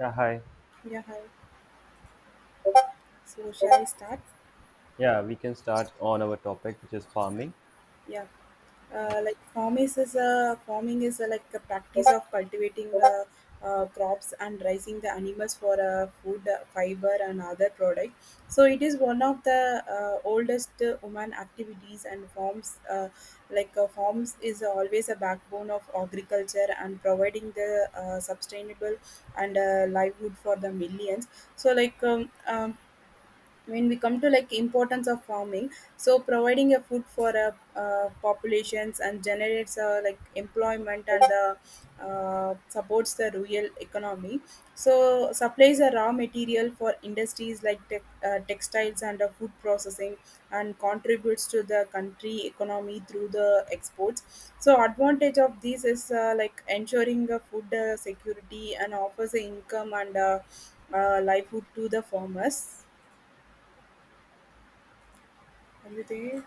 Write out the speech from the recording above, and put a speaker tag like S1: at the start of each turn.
S1: Yeah, hi.
S2: Yeah, hi. So shall we start?
S1: Yeah, we can start on our topic, which is farming.
S2: Yeah. Like farming is, like, a practice of cultivating the crops and raising the animals for food, fiber, and other products. So it is one of the oldest human activities and forms. Farms is always a backbone of agriculture and providing the sustainable and livelihood for the millions. So when we come to importance of farming, so providing a food for a populations and generates like employment and supports the rural economy, so supplies a raw material for industries like textiles and food processing, and contributes to the country economy through the exports. So advantage of this is like ensuring food security and offers income and livelihood to the farmers. Everything.